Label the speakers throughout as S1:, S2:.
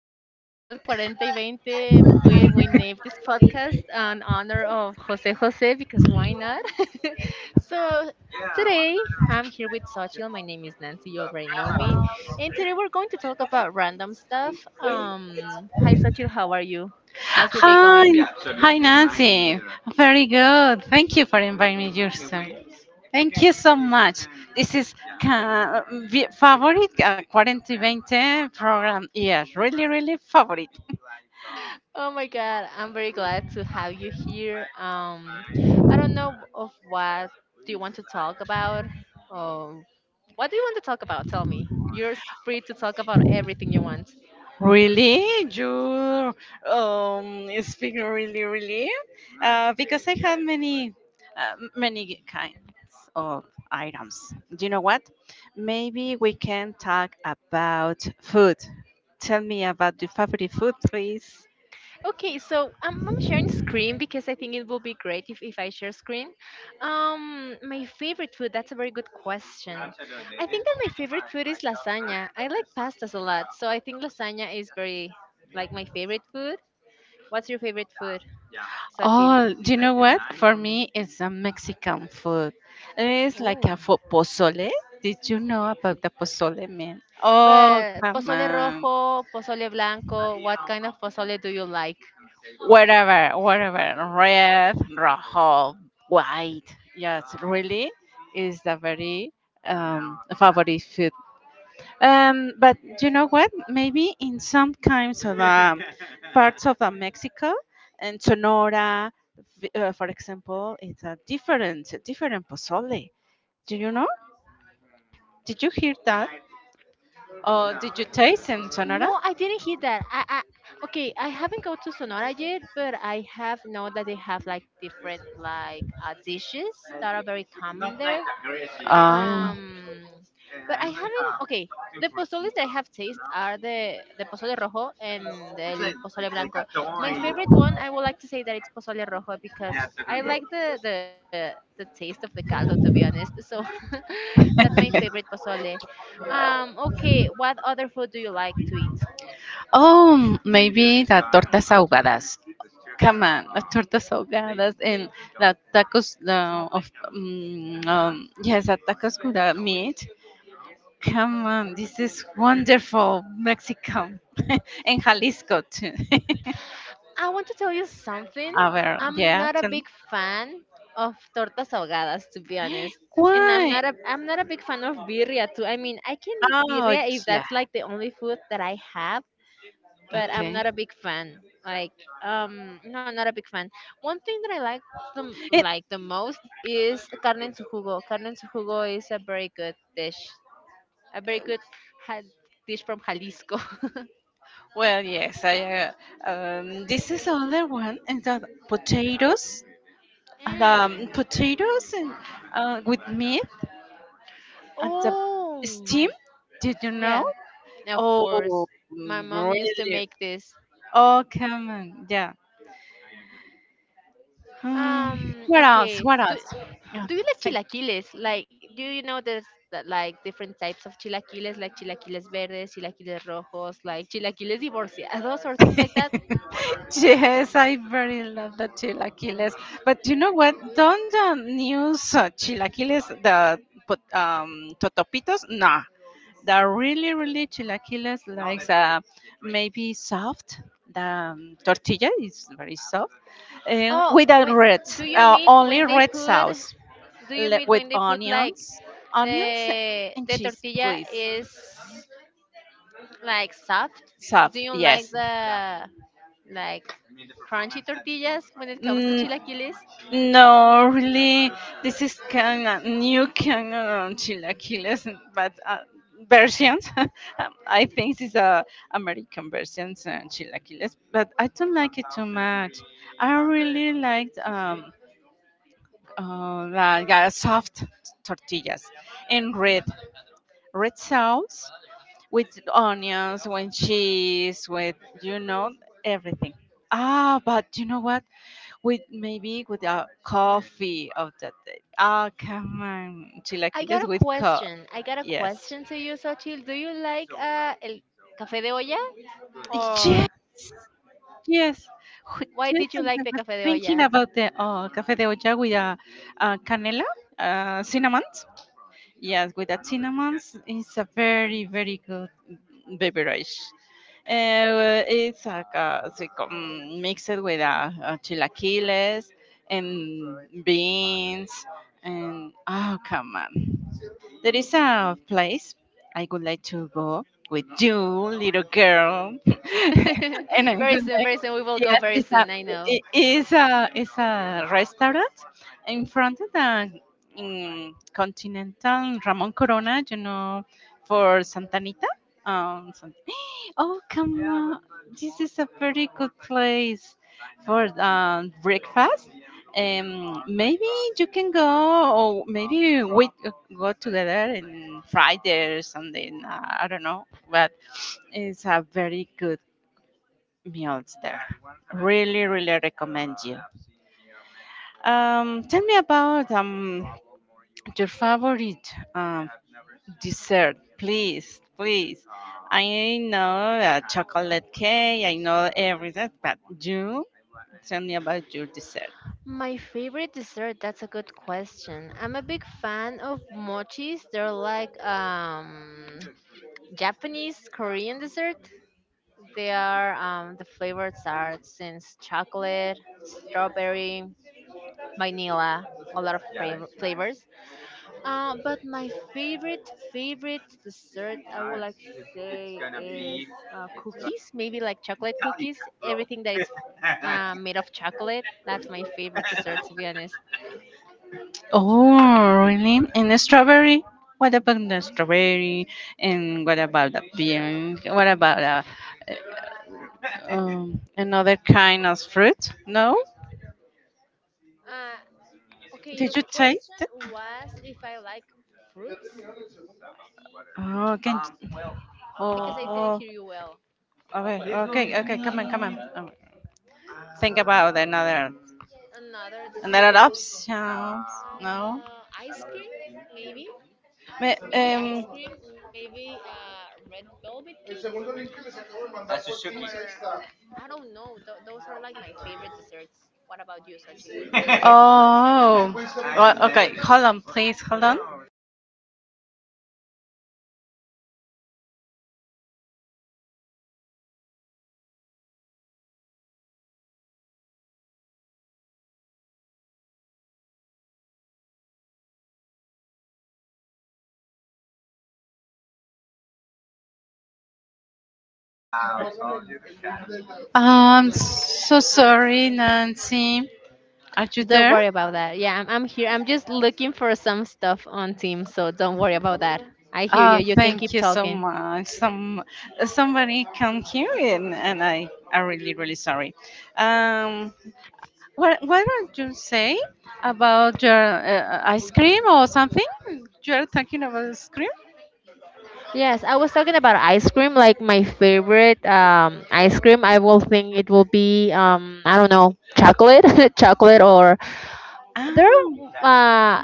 S1: podcast, Gol 40 y 20. We named this podcast in honor of Jose Jose because why not? so, today I'm here with Sochil. My name is Nancy. You already know me. And today we're going to talk about random stuff. Hi, Sochil. How are you? How's your day
S2: Hi,
S1: going?
S2: hi Nancy. Very good. Thank you for inviting me, Justin. Thank you so much. This is favorite 2020 program. Yes, really, really favorite.
S1: Oh my God, I'm very glad to have you here. I don't know of what do you want to talk about. Um, what do you want to talk about? Tell me. You're free to talk about everything you want.
S2: Really? You speak really, really? Because I have many kinds of items. Do you know what? Maybe we can talk about food. Tell me about your favorite food, please.
S1: Okay, so I'm sharing screen because I think it will be great if I share screen. My favorite food, that's a very good question. I think that my favorite food is lasagna. I like pastas a lot, so I think lasagna is very like my favorite food. What's your favorite food, Sochi?
S2: Oh, do you know what? For me, it's a Mexican food. It's like a
S1: Oh.
S2: pozole. Did you know about the pozole, man? Oh,
S1: But
S2: come
S1: pozole
S2: on.
S1: rojo, pozole blanco, what kind of pozole do you like?
S2: Whatever, whatever, red, rojo, white. Yes, really is the very favorite food. But you know what? Maybe in some kinds of parts of the Mexico and Sonora. For example, it's a different pozole. Do you know? Did you hear that? Or did you taste
S1: No,
S2: in
S1: I didn't
S2: Sonora?
S1: hear that. I okay, I haven't go to Sonora yet, but I have know that they have like different like dishes that are very common there.
S2: Oh.
S1: Um, but I haven't. Okay, the pozoles that I have tasted are the pozole rojo and el pozole blanco. My favorite one, I would like to say that it's pozole rojo because I like the taste of the caldo, to be honest. So that's my favorite pozole. Okay, what other food do you like to eat?
S2: Oh, maybe the tortas ahogadas. Come on, the tortas ahogadas and the tacos of yes, the tacos with the meat. Come on, this is wonderful Mexico and Jalisco too.
S1: I want to tell you something.
S2: Our
S1: I'm
S2: yeah,
S1: not a big fan of tortas ahogadas, to be honest, and
S2: why?
S1: I'm not a big fan of birria too. I mean, I can eat
S2: Oh
S1: birria if
S2: yeah,
S1: that's like the only food that I have, but I'm
S2: okay.
S1: not a big fan. Like, no, not a big fan. One thing that I like
S2: It,
S1: like the most is carne en su jugo. Carne en su jugo is a very good dish, a very good ha- dish from Jalisco.
S2: well, yes, I. This is another one, and the potatoes and um,
S1: Mm.
S2: potatoes and uh, with meat and the
S1: Oh,
S2: steam. Did you know?
S1: yeah. Of
S2: Oh,
S1: course, my mom used to
S2: really?
S1: make this.
S2: Oh, come on, yeah. Um, what else?
S1: Okay.
S2: What else? Yeah,
S1: Do you like chilaquiles? Like, do you know there's that, like different types of chilaquiles, like chilaquiles verdes, chilaquiles rojos, like chilaquiles divorciados, or things like that?
S2: Yes, I very love the chilaquiles. But you know what? Don't the news chilaquiles, the totopitos? Nah. The really, really chilaquiles likes maybe soft. The tortilla is very soft. And
S1: Oh,
S2: with a
S1: when
S2: red,
S1: do you meet when
S2: only
S1: they
S2: red
S1: put?
S2: sauce
S1: Do you meet when
S2: with
S1: they put like
S2: onions
S1: the
S2: and cheese,
S1: tortilla
S2: please.
S1: is like soft? Do
S2: Soft,
S1: you like
S2: yes.
S1: the like crunchy tortillas when it comes to
S2: Mm,
S1: chilaquiles?
S2: No, really, this is kind of new kind of chilaquiles, but versions. I think this is a American versions chilaquiles, but I don't like it too much. I really liked like soft tortillas in red sauce with onions, with cheese, with you know everything. Ah, but you know what? With maybe with a coffee of that day. Ah, come on.
S1: I got
S2: Chilaquiles
S1: a
S2: with co.
S1: question. I got a
S2: Yes.
S1: question to you, Sochil. Do you like el café de olla,
S2: Yes.
S1: or
S2: Yes. Wh-
S1: why
S2: Yes.
S1: did you
S2: And I
S1: like the
S2: was
S1: café de
S2: thinking
S1: olla?
S2: about the café de olla with canela, cinnamon. Yes, with the cinnamons, it's a very, very good beverage. It's like mixed with chilaquiles and beans and oh come on. There is a place I would like to go with you, little girl. And I would
S1: Very soon,
S2: like,
S1: very soon. We will go
S2: yes,
S1: very
S2: it's a,
S1: soon. I know.
S2: it is a, it's a restaurant in front of the Continental Ramon Corona, for Santa Anita. Um, San- oh, come on. This is a very good place for breakfast. Maybe you can go, or maybe we go together in Friday or something. I don't know, but it's a very good meals there. Really, really recommend you. Tell me about your favorite um, dessert, please, please. I know chocolate cake, I know everything, but you tell me about your dessert.
S1: My favorite dessert. That's a good question. I'm a big fan of mochis. They're like Japanese Korean dessert. There are the flavors are since chocolate, strawberry, vanilla, a lot of flavors. But my favorite dessert I would like to say is cookies, maybe like chocolate cookies. Everything that is made of chocolate. That's my favorite dessert to be honest.
S2: Oh, really? And the strawberry? What about the strawberry? And what about the bean? What about uh, another kind of fruit? No?
S1: Uh, okay,
S2: Did
S1: your
S2: you taste
S1: question
S2: it?
S1: was if I like fruits
S2: Oh, can oh,
S1: because I didn't hear
S2: oh,
S1: you well.
S2: okay, okay, okay. Come on, come on. Oh, think about another
S1: Another
S2: another
S1: dessert.
S2: options. No.
S1: Ice cream, maybe.
S2: Ma-
S1: Maybe ice
S2: Um.
S1: cream, maybe red velvet cake, or I don't know. Those are like my favorite desserts. What about you, Sachi?
S2: Oh. Well, okay. Hold on, please. Hold on. I'm so sorry, Nancy. Are you
S1: Don't
S2: there?
S1: worry about that. Yeah, I'm here. I'm just looking for some stuff on Teams, so don't worry about that. I hear you.
S2: Ah,
S1: You can
S2: thank
S1: keep
S2: you so
S1: talking.
S2: much. Somebody can hear it, and I am really really sorry. Um, what did you say about your ice cream or something? You're talking about ice cream?
S1: Yes, I was talking about ice cream. Like my favorite ice cream, I will think it will be I don't know, chocolate, chocolate, or there. Are
S2: Ah,
S1: Uh,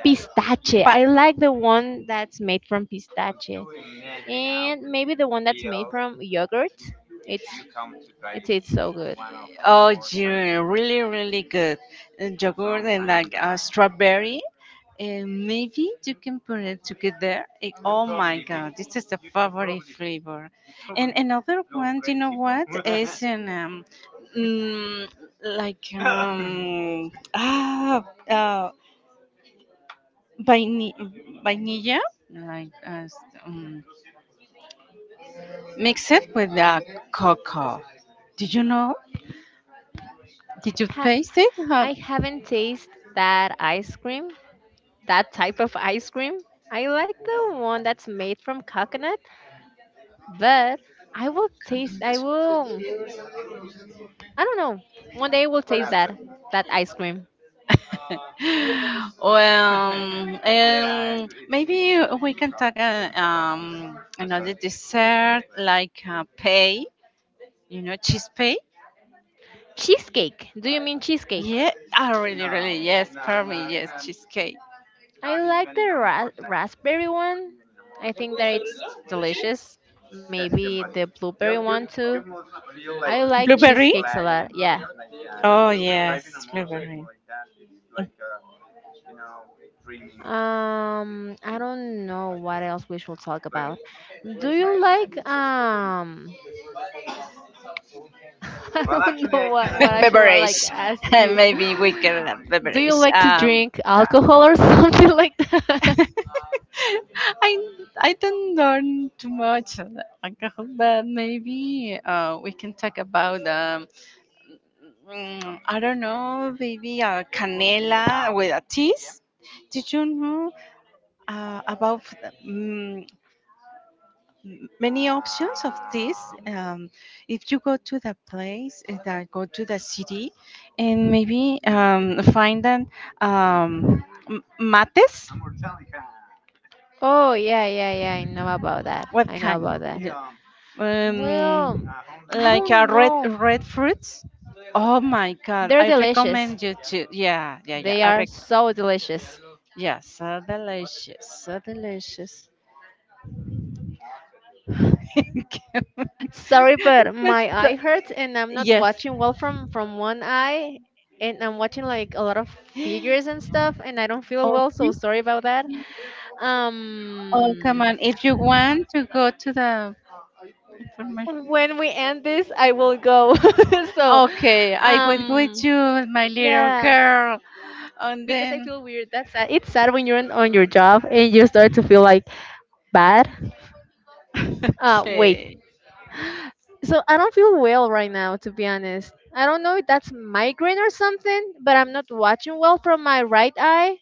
S1: pistache. I like the one that's made from pistache, and maybe the one that's made from yogurt. It's
S2: pa-
S1: it's tastes so good.
S2: Oh, yeah, really, really good. Yogurt and like strawberry. And maybe you can put it together. Eh, oh my God, this is the favorite flavor. And another one, do you know what? Is in mm, like uh, vaini- vanilla, like um, mix it with cocoa. Did you know? Did you
S1: Ha-
S2: taste it?
S1: I haven't tasted that ice cream, that type of ice cream. I like the one that's made from coconut, but I will taste. I will. I don't know. One day I will taste that ice cream.
S2: Well, maybe we can talk another dessert like pay, cheese pay.
S1: Cheesecake. Do you mean cheesecake?
S2: Yeah, I really, really, yes, for me, yes, cheesecake.
S1: I like the raspberry one. I think that it's delicious. Maybe the blueberry one too. I like
S2: Blueberry?
S1: cheesecakes a lot. Yeah.
S2: Oh, yes, blueberry.
S1: I don't know what else we should talk about. Do you like um? I don't know what I should like
S2: Beverage.
S1: ask you.
S2: Maybe we can have
S1: Do you
S2: beverage.
S1: like to drink alcohol or something like that?
S2: I I don't learn too much, alcohol, but maybe we can talk about I don't know, maybe canela with a teas. Did you know about um, many options of this? Um, if you go to the place, that go to the city, and maybe find an um, mates.
S1: Oh yeah, yeah, yeah. I know about that.
S2: What
S1: I know
S2: kind?
S1: about that.
S2: Um,
S1: Well, I
S2: like a
S1: don't
S2: red
S1: know.
S2: red fruits. Oh my God!
S1: They're
S2: I
S1: delicious.
S2: recommend you to. Yeah, yeah, yeah.
S1: They
S2: I
S1: are
S2: rec.
S1: so delicious.
S2: Yeah, so delicious, so delicious. What's
S1: Sorry, but my
S2: the-
S1: eye hurts and I'm not
S2: yes.
S1: watching well from one eye and I'm watching like a lot of figures and stuff and I don't feel well, so
S2: Okay.
S1: sorry about that.
S2: Oh come
S1: Um
S2: on! If you want to go to the information.
S1: when we end this, I will go. so,
S2: Okay, I will go with
S1: um
S2: you, my little
S1: yeah,
S2: girl, and
S1: because I
S2: then.
S1: feel weird. That's sad. It's sad when you're on your job and you start to feel like bad. Wait.
S2: Okay.
S1: So I don't feel well right now, to be honest. I don't know if that's migraine or something, but I'm not watching well from my right eye.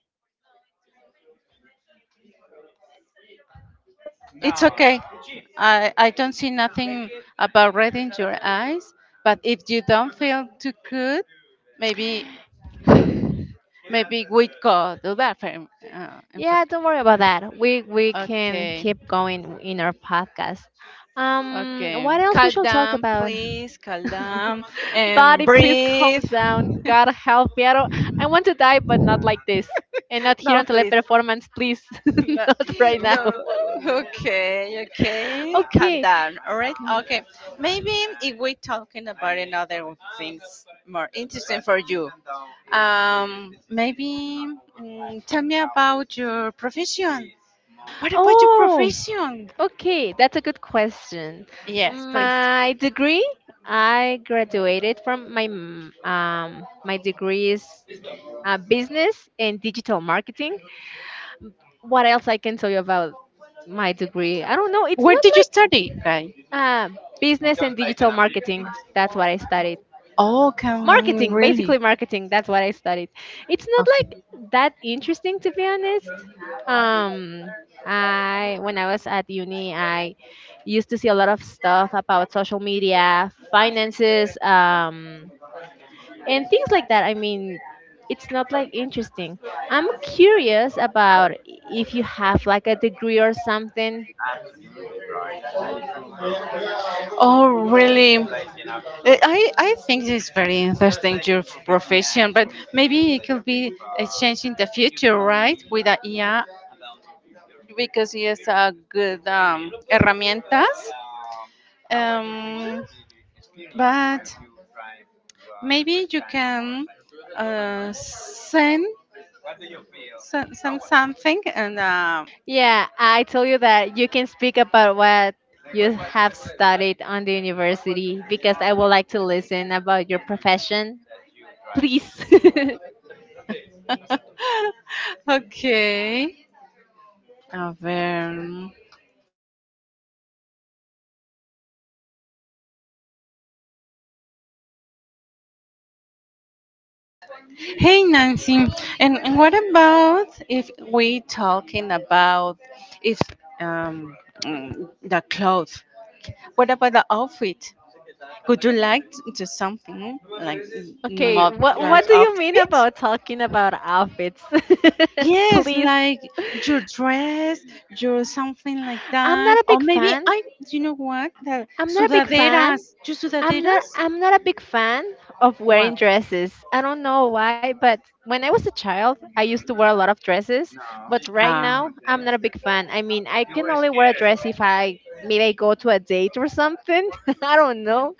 S2: It's okay. I don't see nothing about red in your eyes, but if you don't feel too good, maybe maybe we go to the bathroom.
S1: Yeah, don't worry about that. We can
S2: Okay,
S1: keep going in our podcast.
S2: okay.
S1: What else we
S2: Calm
S1: shall talk
S2: down,
S1: about?
S2: please. Calm down and
S1: Body, please calm
S2: breathe.
S1: down. God help me. I don't. I want to die, but not like this, and not here
S2: No,
S1: on
S2: please.
S1: teleperformance, please.
S2: No,
S1: Not right now.
S2: no. Okay, okay. Calm
S1: Okay.
S2: down. All right. Okay. Maybe if we're talking about another things more interesting for you, maybe tell me about your profession. What about your
S1: Oh,
S2: profession?
S1: okay, that's a good question.
S2: Yes, please.
S1: My degree, I graduated from my degree is business and digital marketing. What else I can tell you about my degree? I don't know. It's
S2: Where
S1: not
S2: did you
S1: like
S2: study, guy?
S1: uh, business and digital marketing. That's what I studied
S2: Oh, come on,
S1: marketing,
S2: really?
S1: basically marketing, that's what I studied. It's not
S2: Okay.
S1: like that interesting, to be honest. Um, I when I was at uni I used to see a lot of stuff about social media, finances, um, and things like that. I mean, it's not like interesting. I'm curious about if you have like a degree or something.
S2: Oh, really? I think it's very interesting your profession, but maybe it could be a change in the future, right? With the IA, because it's a good herramientas. Um, but maybe you can uh, send, send something and
S1: Yeah, I told you that you can speak about what you have studied on the university because I would like to listen about your profession. Please.
S2: okay. A ver. Hey Nancy, and what about if we talking about if um, the clothes? What about the outfit? Would you like to do something like
S1: Okay, what
S2: mother's
S1: do you mean
S2: outfits?
S1: about talking about outfits?
S2: Yes,
S1: Please.
S2: like your dress, your something like
S1: I'm
S2: that,
S1: not a
S2: or
S1: big
S2: maybe
S1: fan.
S2: I. You know what? The
S1: I'm not a big fan.
S2: sudaderas, your sudaderas.
S1: I'm not a big fan of
S2: What?
S1: wearing dresses. I don't know why, but when I was a child, I used to wear a lot of dresses, but right
S2: Ah.
S1: now I'm not a big fan. I mean, I can only wear a dress if I maybe I go to a date or something. I don't know,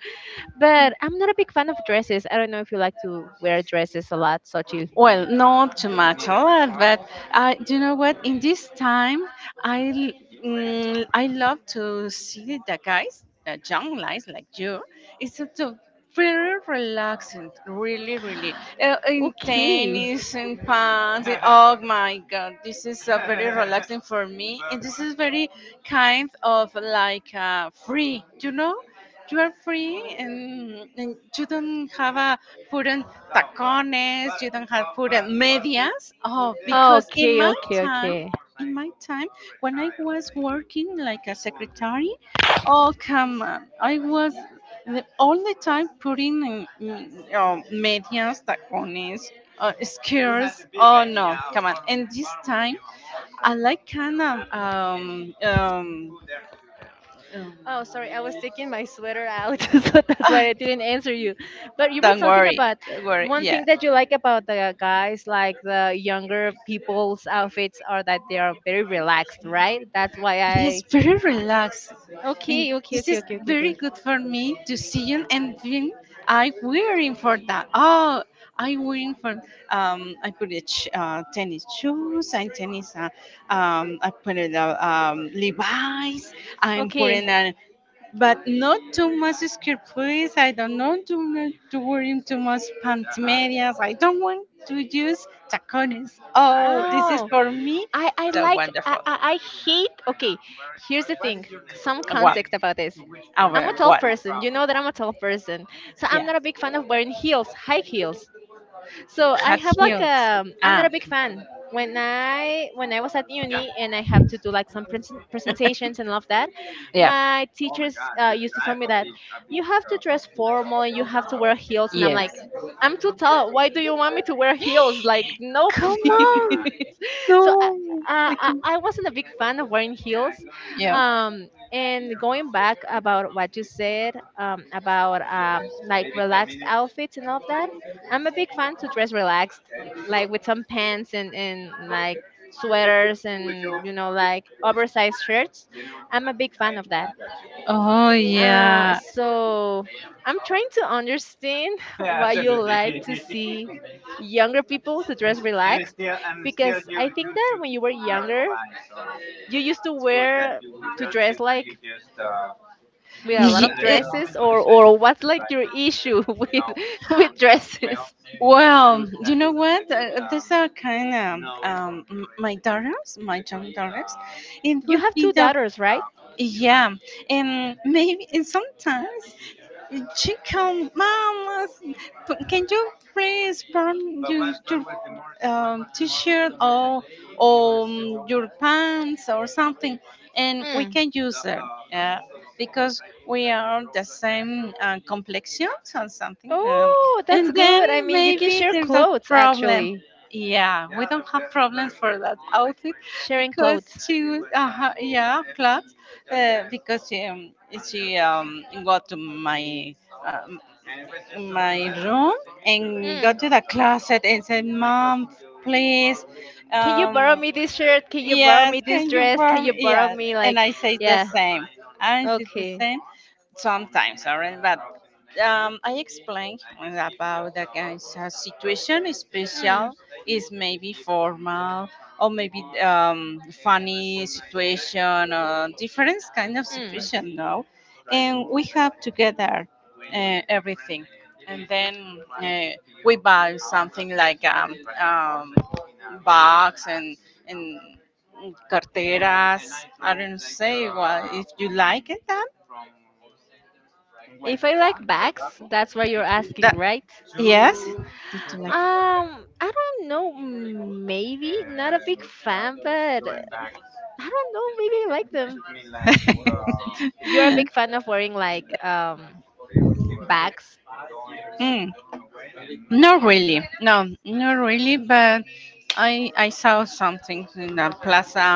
S1: but I'm not a big fan of dresses. I don't know if you like to wear dresses a lot, Sochi.
S2: Well, not too much, a lot, but I, do you know what? In this time, I l- I love to see the guys, the young guys like you. It's a very relaxing, really, really. In
S1: Okay.
S2: tennis, in pants, oh my God, this is very relaxing for me, and this is very kind of like free, you know? You are free and you don't have a put on tacones, you don't have put on medias. Oh, because
S1: Okay, okay,
S2: time,
S1: okay.
S2: in my time, when I was working like a secretary, oh come on, I was the, all the time putting in medias, tacones, skirts. Oh no, come on! And this time, I like kind of
S1: Oh, sorry. I was taking my sweater out, so that's
S2: um,
S1: why I didn't answer you. But you were
S2: Don't
S1: talking
S2: worry.
S1: about
S2: Don't worry.
S1: one
S2: Yeah.
S1: thing that you like about the guys, like the younger people's outfits, are that they are very relaxed, right? That's why
S2: Yes,
S1: I.
S2: very relaxed. And
S1: Okay, okay,
S2: this
S1: okay,
S2: is
S1: okay, okay,
S2: very
S1: okay.
S2: good for me to see you and then I wearing for that. Oh, I wearing for I put it tennis shoes and tennis I put it Levi's. I'm putting
S1: Okay.
S2: on but not too much skirt please. I don't know to not to wearing too much pants medias. I don't want to use tacones. Oh, this is
S1: Oh,
S2: for me
S1: I
S2: so
S1: like
S2: wonderful.
S1: I hate. Okay, here's the
S2: What is
S1: thing.
S2: your
S1: Some
S2: neighborhood? What? And
S1: context about this.
S2: to which, oh,
S1: I'm a
S2: well, our
S1: tall
S2: what? You
S1: person. You
S2: travel
S1: know
S2: to?
S1: that I'm a tall person. So I'm
S2: Yeah,
S1: not a big fan of wearing heels, high heels. So I
S2: Hot
S1: have like
S2: hills.
S1: a I'm not
S2: Ah,
S1: a big fan when I when I was at uni and I have to do like some presentations and all of that.
S2: yeah,
S1: My teachers used to tell me that you have to dress formal, you have to wear heels, and I'm
S2: yes.
S1: like I'm too tall, why do you want me to wear heels? Like, no,
S2: Come on,
S1: please. So I,
S2: no, I can.
S1: I wasn't a big fan of wearing heels.
S2: Yeah,
S1: And going back about what you said about like relaxed outfits and all of that, I'm a big fan to dress relaxed, like with some pants and like sweaters and you know like oversized shirts. I'm a big fan of that.
S2: oh yeah.
S1: So I'm trying to understand why you like to see younger people to dress relaxed because I think that when you were younger, you used to wear to dress like with a
S2: Y-
S1: lot
S2: y-
S1: of
S2: eh
S1: dresses or what's like your issue with dresses?
S2: Well, you know what? Those are kind of my daughters, my young daughters. It
S1: You
S2: would
S1: have
S2: be
S1: two
S2: the,
S1: daughters, right?
S2: yeah, and maybe and sometimes she come, Mama, can you please burn your t-shirt or your pants or something, and we
S1: Mm.
S2: can use them. Yeah, because we are the same complexions or something,
S1: Oh, that's
S2: and then
S1: good. I mean, you can
S2: maybe
S1: share
S2: there's a
S1: clothes
S2: problem.
S1: actually.
S2: Yeah, we don't have problems for that outfit
S1: Sharing
S2: because
S1: clothes.
S2: she was, yeah, plus, because she got to um, my room and got
S1: Mm.
S2: to the closet and said, "Mom, please."
S1: Can you borrow
S2: Um,
S1: me this shirt? Can you borrow me
S2: Yes,
S1: this
S2: can you
S1: dress? Can
S2: farm?
S1: you borrow
S2: Yeah,
S1: me
S2: and
S1: like
S2: I say the
S1: yeah.
S2: same. I say the
S1: Okay.
S2: same sometimes, alright. But I explain about the guy's situation. Is special
S1: Mm.
S2: is maybe formal or maybe funny situation or different kind of
S1: Mm.
S2: situation. No, and we have together everything, and then we buy something like box and carteras. I don't say well. If you like it, then
S1: If I like bags, that's what you're asking,
S2: that
S1: right?
S2: yes. Did you like?
S1: I don't know. Mm, maybe not a big fan, but I don't know. Maybe I like them. You're a big fan of wearing like bags.
S2: Mm, not really. No, not really. But I saw something in the Plaza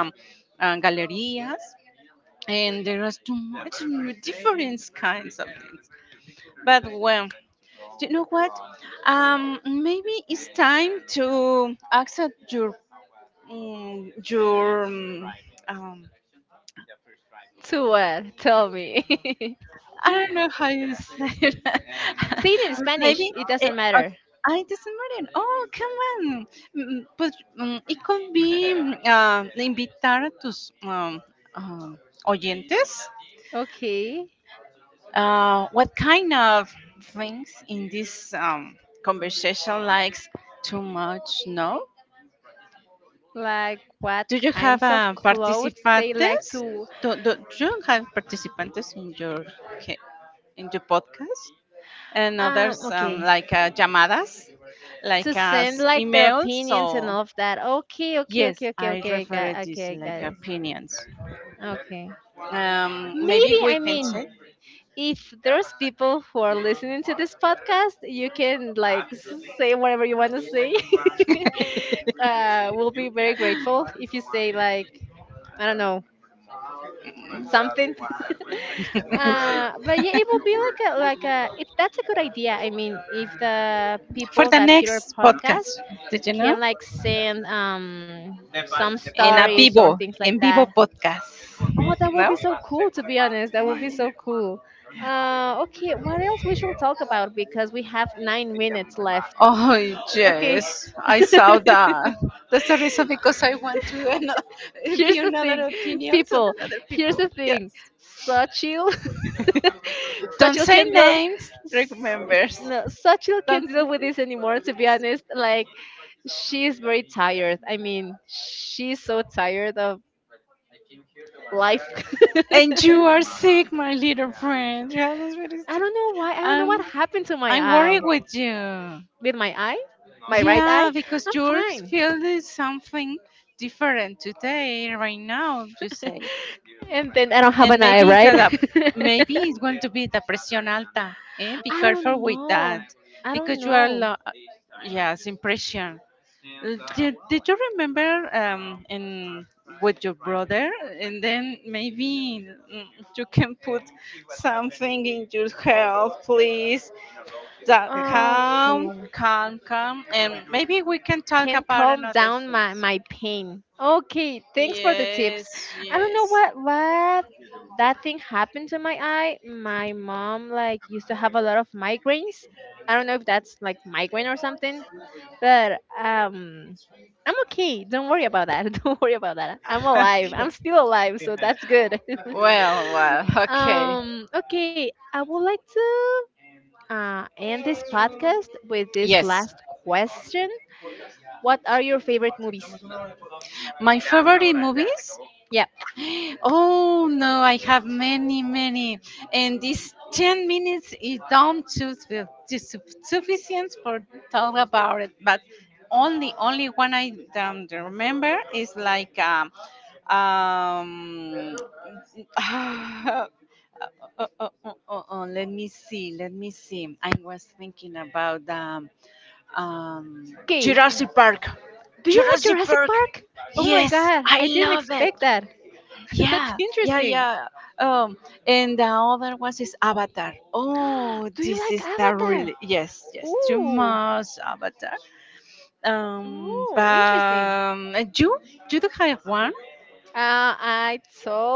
S2: Galerías, and there was too much different kinds of things. But well, you know what? Maybe it's time to accept your your um,
S1: To what? Tell me.
S2: I don't know how you say it.
S1: Say it in Spanish.
S2: Maybe
S1: It
S2: it,
S1: doesn't matter.
S2: I doesn't matter. Oh, come on. But it could be invitar a tus uh, oyentes.
S1: Okay.
S2: What kind of things in this conversation likes too much? No.
S1: Like what
S2: Do you have
S1: kinds of clothes they like
S2: participantes?
S1: to
S2: Do you have participantes in your ca- in your podcast? And others
S1: okay,
S2: like llamadas,
S1: to
S2: like
S1: send
S2: as
S1: like their
S2: emails. So
S1: opinions and all of that. Okay, okay,
S2: yes,
S1: okay, okay,
S2: I
S1: okay. I
S2: refer
S1: got okay,
S2: this
S1: I got
S2: like
S1: it.
S2: opinions.
S1: Okay.
S2: Maybe
S1: Maybe,
S2: we
S1: I
S2: can
S1: mean,
S2: check.
S1: if there's people who are listening to this podcast, you can like say whatever you want to say. We'll be very grateful if you say, like, I don't know, something. But yeah, it will be like a like a. That's a good idea. I mean, if the
S2: For
S1: people
S2: the
S1: that hear our
S2: next podcast.
S1: podcast
S2: Did you know?
S1: can like send some
S2: In a
S1: stories or
S2: vivo,
S1: things like
S2: in vivo
S1: that.
S2: podcast.
S1: Oh, that will
S2: No?
S1: be so cool. To be honest, that will be so cool. Okay, what else we should talk about because we have 9 minutes left.
S2: Oh
S1: Okay.
S2: yes, I saw that. That's the reason because I want to be
S1: Here's the
S2: another
S1: thing,
S2: opinions of
S1: people.
S2: another
S1: Here's
S2: people.
S1: the
S2: Yes.
S1: thing. Sachil,
S2: Don't
S1: Sachil
S2: say
S1: can deal.
S2: names.
S1: s-
S2: Remembers.
S1: No, Sachil
S2: Don't.
S1: can deal with this anymore. To be honest, like she's very tired. I mean, she's so tired of life.
S2: And you are sick, my little friend. You are very
S1: I
S2: sick.
S1: don't know why. I don't know
S2: Um,
S1: what happened to my
S2: I'm worried
S1: eye.
S2: with you.
S1: With my eye, my right
S2: Yeah,
S1: eye,
S2: because
S1: I'm
S2: you're
S1: fine.
S2: feeling something different today, right now, you say
S1: And then I don't have
S2: and
S1: an eye,
S2: maybe it's
S1: right?
S2: a, maybe it's going to be the presión alta. Eh? Be
S1: I
S2: careful
S1: don't
S2: with that
S1: know. I don't
S2: because you are
S1: know.
S2: yes impression. Did you remember in with your brother and then maybe you can put something in your health please that
S1: Ah,
S2: calm
S1: okay.
S2: calm calm and maybe we can talk
S1: Can
S2: about
S1: calm
S2: another
S1: down my, my pain. Okay, thanks for the tips.
S2: yes
S1: I don't
S2: yes
S1: know what that thing happened to my eye. My mom like used to have a lot of migraines. I don't know if that's like migraine or something, but um, I'm okay. Don't worry about that. Don't worry about that. I'm
S2: okay
S1: alive. I'm still alive, so that's good.
S2: well well okay.
S1: Okay, I would like to end this podcast with this
S2: Yes.
S1: last question. What are your favorite movies?
S2: My favorite movies?
S1: Yeah.
S2: Oh no, I have many, many. And this 10 minutes is not to sufficient for talk about it. But only one I do remember is like um uh, let me see, let me see. I was thinking about um,
S1: Okay.
S2: Jurassic Park.
S1: Do you like
S2: Jurassic
S1: Jurassic
S2: Park.
S1: Park? Oh my
S2: Yes,
S1: god,
S2: I
S1: I didn't
S2: love it.
S1: expect that. That's
S2: Yeah, yeah,
S1: interesting.
S2: yeah. Um, and the other one is Avatar. Oh,
S1: Do you
S2: this
S1: like
S2: is the
S1: Avatar?
S2: really yes, yes. You
S1: Ooh,
S2: must Avatar. Um, but
S1: ooh, interesting.
S2: um, you do have one
S1: I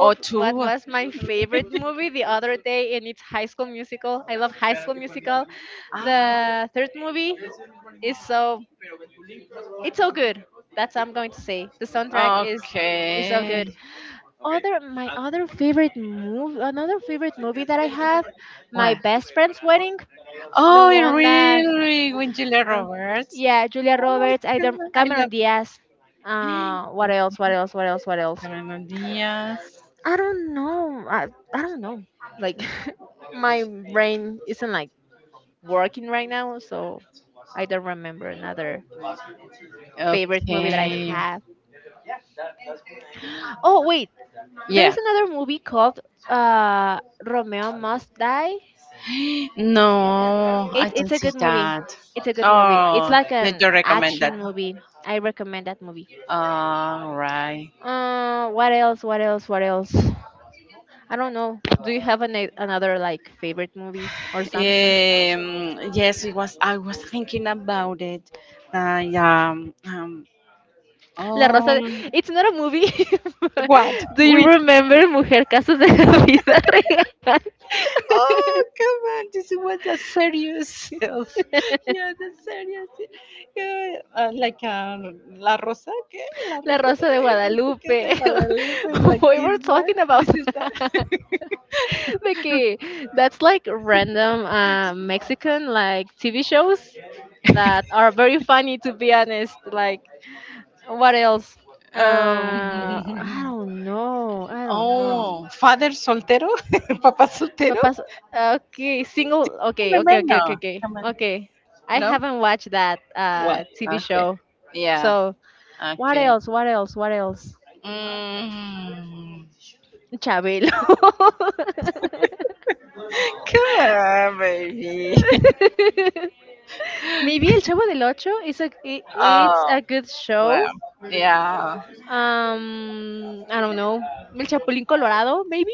S2: or
S1: what
S2: two. Or
S1: was my favorite movie the other day, and it's High School Musical. I love High School Musical. The third movie is so, it's so good. That's what I'm going to say. The soundtrack
S2: ah,
S1: is so good.
S2: okay.
S1: Other my other favorite movie, another favorite movie that I have, my
S2: What?
S1: best friend's wedding, the
S2: Oh,
S1: one that,
S2: really? With Julia
S1: uh,
S2: Roberts?
S1: yeah, Julia
S2: Oh
S1: Roberts,
S2: my
S1: either
S2: God, I
S1: Cameron
S2: love
S1: Diaz. What else? What else? What else? What else?
S2: Carolina Diaz.
S1: I don't know. I don't know. Like my brain isn't like working right now, so I don't remember another favorite movie that I
S2: Okay.
S1: have. Oh wait,
S2: Yeah.
S1: there's another movie called uh, Romeo Must Die.
S2: No, I
S1: It's
S2: don't
S1: a
S2: see
S1: good movie.
S2: that.
S1: It's a good movie. It's
S2: Oh,
S1: like
S2: did
S1: an
S2: you recommend that?
S1: action movie. I recommend that movie.
S2: All right.
S1: What else? What else? What else? I don't know. Do you have an, another like favorite movie or something?
S2: Yes, it was. I was thinking about it. I
S1: La Rosa.
S2: oh.
S1: It's not a movie.
S2: What?
S1: Do you
S2: With?
S1: remember Mujer Casos de la Vida Real?
S2: Oh, come on. This was a serious self. Yeah, the serious. Yeah, La Rosa, ¿qué? La
S1: La
S2: Rosa de
S1: Rosa de
S2: la no sé qué,
S1: Guadalupe.
S2: de Guadalupe is like
S1: We were
S2: this one.
S1: talking about
S2: This is that.
S1: that. Okay, that's like random Mexican like TV shows that are very funny to be honest. Like what else? I
S2: um,
S1: don't know. I don't know.
S2: oh, Father Soltero? Papa Soltero?
S1: Papas. Okay, single. Okay,
S2: Remember?
S1: okay, okay, okay,
S2: No.
S1: okay.
S2: Come on.
S1: Okay, I
S2: No?
S1: haven't watched that
S2: What?
S1: TV
S2: Okay.
S1: show.
S2: Yeah.
S1: So what
S2: Okay.
S1: else? What else? What else?
S2: Mm.
S1: Chabelo.
S2: Come on, baby.
S1: Maybe El Chavo del Ocho is it's
S2: Oh,
S1: a good
S2: well,
S1: show.
S2: yeah.
S1: I don't know. El Chapulín Colorado, maybe.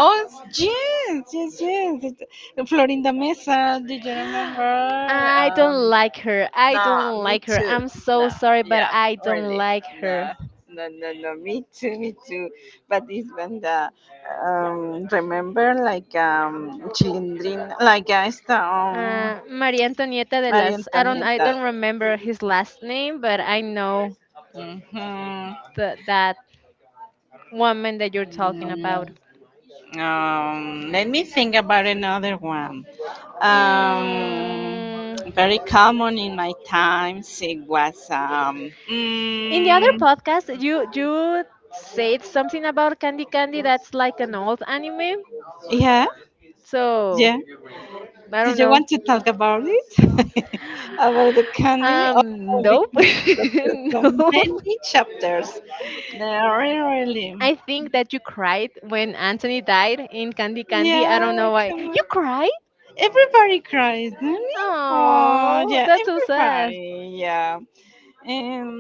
S2: Oh, yes, yes, yes. The Florinda Mesa, did you remember?
S1: I
S2: Um,
S1: don't like her. I
S2: no,
S1: don't
S2: me
S1: like her.
S2: too.
S1: I'm so
S2: No,
S1: sorry, but
S2: yeah,
S1: I don't
S2: really.
S1: like
S2: No,
S1: her.
S2: no, no, no, me too, me too. But it's when remember, like, Chilindrin, like, esta,
S1: Maria Antonieta de
S2: María
S1: las. I don't. I
S2: Antonieta.
S1: don't remember his last name, but I know
S2: Mm-hmm.
S1: the that woman that you're talking about.
S2: Mm-hmm. Let me think about another one. Um,
S1: Mm,
S2: Very common in my times. It was,
S1: in the other podcast, you said something about Candy Candy. That's like an old anime.
S2: yeah,
S1: So
S2: yeah.
S1: I
S2: Did
S1: don't
S2: you
S1: know.
S2: want to talk about it? About the candy? Oh,
S1: Nope,
S2: because there's so
S1: nope.
S2: many chapters. There are really.
S1: I think that you cried when Anthony died in Candy Candy. I
S2: Yeah,
S1: don't know why.
S2: come on.
S1: You cried?
S2: Everybody cries, don't it? Oh,
S1: Oh,
S2: yeah,
S1: that's so sad.
S2: everybody. Yeah. Um,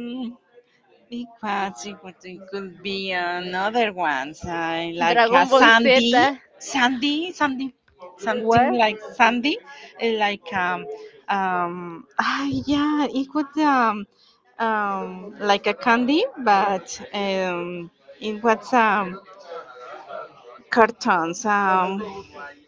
S2: Because it could be another one, like a
S1: Dragon Ball Z.
S2: sandy, sandy, sandy, something
S1: What?
S2: like sandy, eh, like um, ah, yeah, it would like a candy, but it was cartons.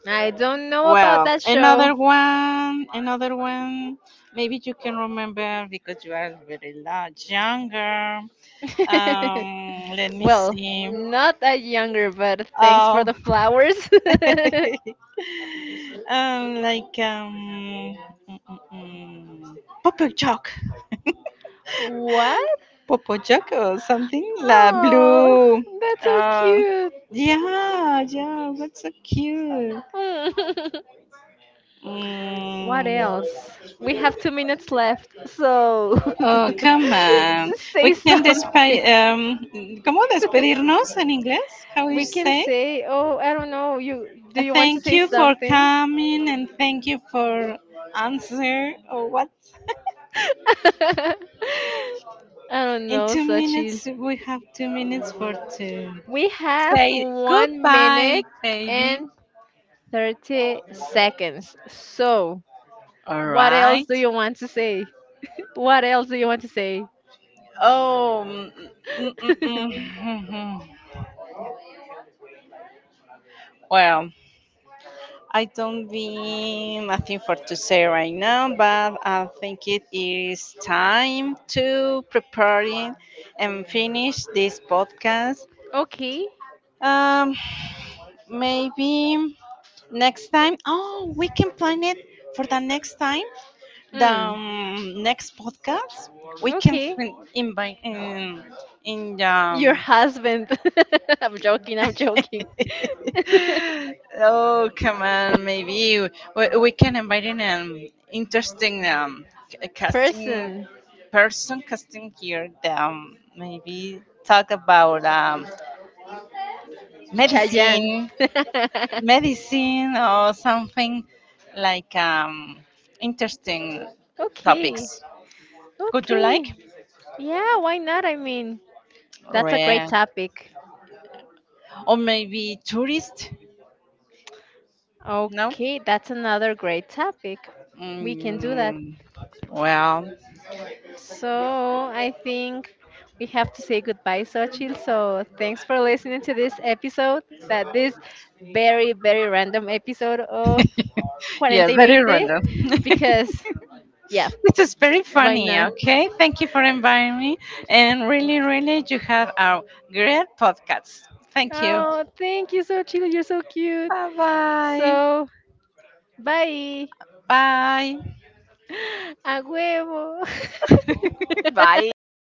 S1: I don't know about
S2: Well,
S1: that show.
S2: another one, another one. Maybe you can remember because you are very large, younger. Let me
S1: Well,
S2: see.
S1: not that younger, but thanks for
S2: Oh,
S1: the flowers.
S2: um, like um, mm, mm, mm. Popo Jock,
S1: What?
S2: Popo Jock or something. La
S1: Oh,
S2: blue.
S1: that's so
S2: Uh,
S1: cute.
S2: yeah, yeah. What's so cute?
S1: What
S2: Mm.
S1: else? We have 2 minutes left, so
S2: Oh, come on. We
S1: say
S2: can
S1: something.
S2: ¿Cómo despedirnos en inglés? How
S1: We
S2: you
S1: can
S2: say?
S1: say, oh, I don't know. You, do you want to
S2: Thank
S1: say
S2: you for
S1: something?
S2: coming and thank you for answer or what?
S1: I don't
S2: In
S1: know,
S2: two
S1: Sachil.
S2: minutes, we have 2 minutes for to
S1: We have
S2: say
S1: one
S2: goodbye,
S1: minute
S2: baby.
S1: and 30 seconds. So,
S2: All
S1: what else
S2: right.
S1: do you want to say? What else do you want to say?
S2: Oh, mm, mm, mm, mm. mm. well, I don't be nothing for to say right now, but I think it is time to preparing and finish this podcast.
S1: Okay.
S2: Um, Maybe next time. Oh, we can plan it for the next time. The
S1: Hmm.
S2: next podcast we can
S1: Okay.
S2: invite in
S1: Your
S2: the
S1: husband. I'm joking. I'm joking.
S2: oh come on maybe we can invite in an interesting casting
S1: Person.
S2: person casting here that maybe talk about
S1: Chayanne.
S2: medicine medicine or something like interesting topics
S1: Okay.
S2: would you like
S1: Okay. Yeah, why not? I mean, that's a great
S2: rare
S1: topic.
S2: or maybe tourist no
S1: Okay, that's another great topic. We can do that.
S2: mm, well.
S1: So I think we have to say goodbye, Sochil. So thanks for listening to this episode, that this very, very random episode of Cuarenta
S2: Yes,
S1: y
S2: very
S1: Veinte,
S2: random.
S1: because yeah,
S2: This is very
S1: why
S2: funny.
S1: not?
S2: Okay, thank you for inviting me, and really, really, you have a great podcast. Thank you.
S1: Oh, thank you so chile. You're so cute.
S2: Bye
S1: So, bye.
S2: bye.
S1: A huevo.
S2: Bye. Bye.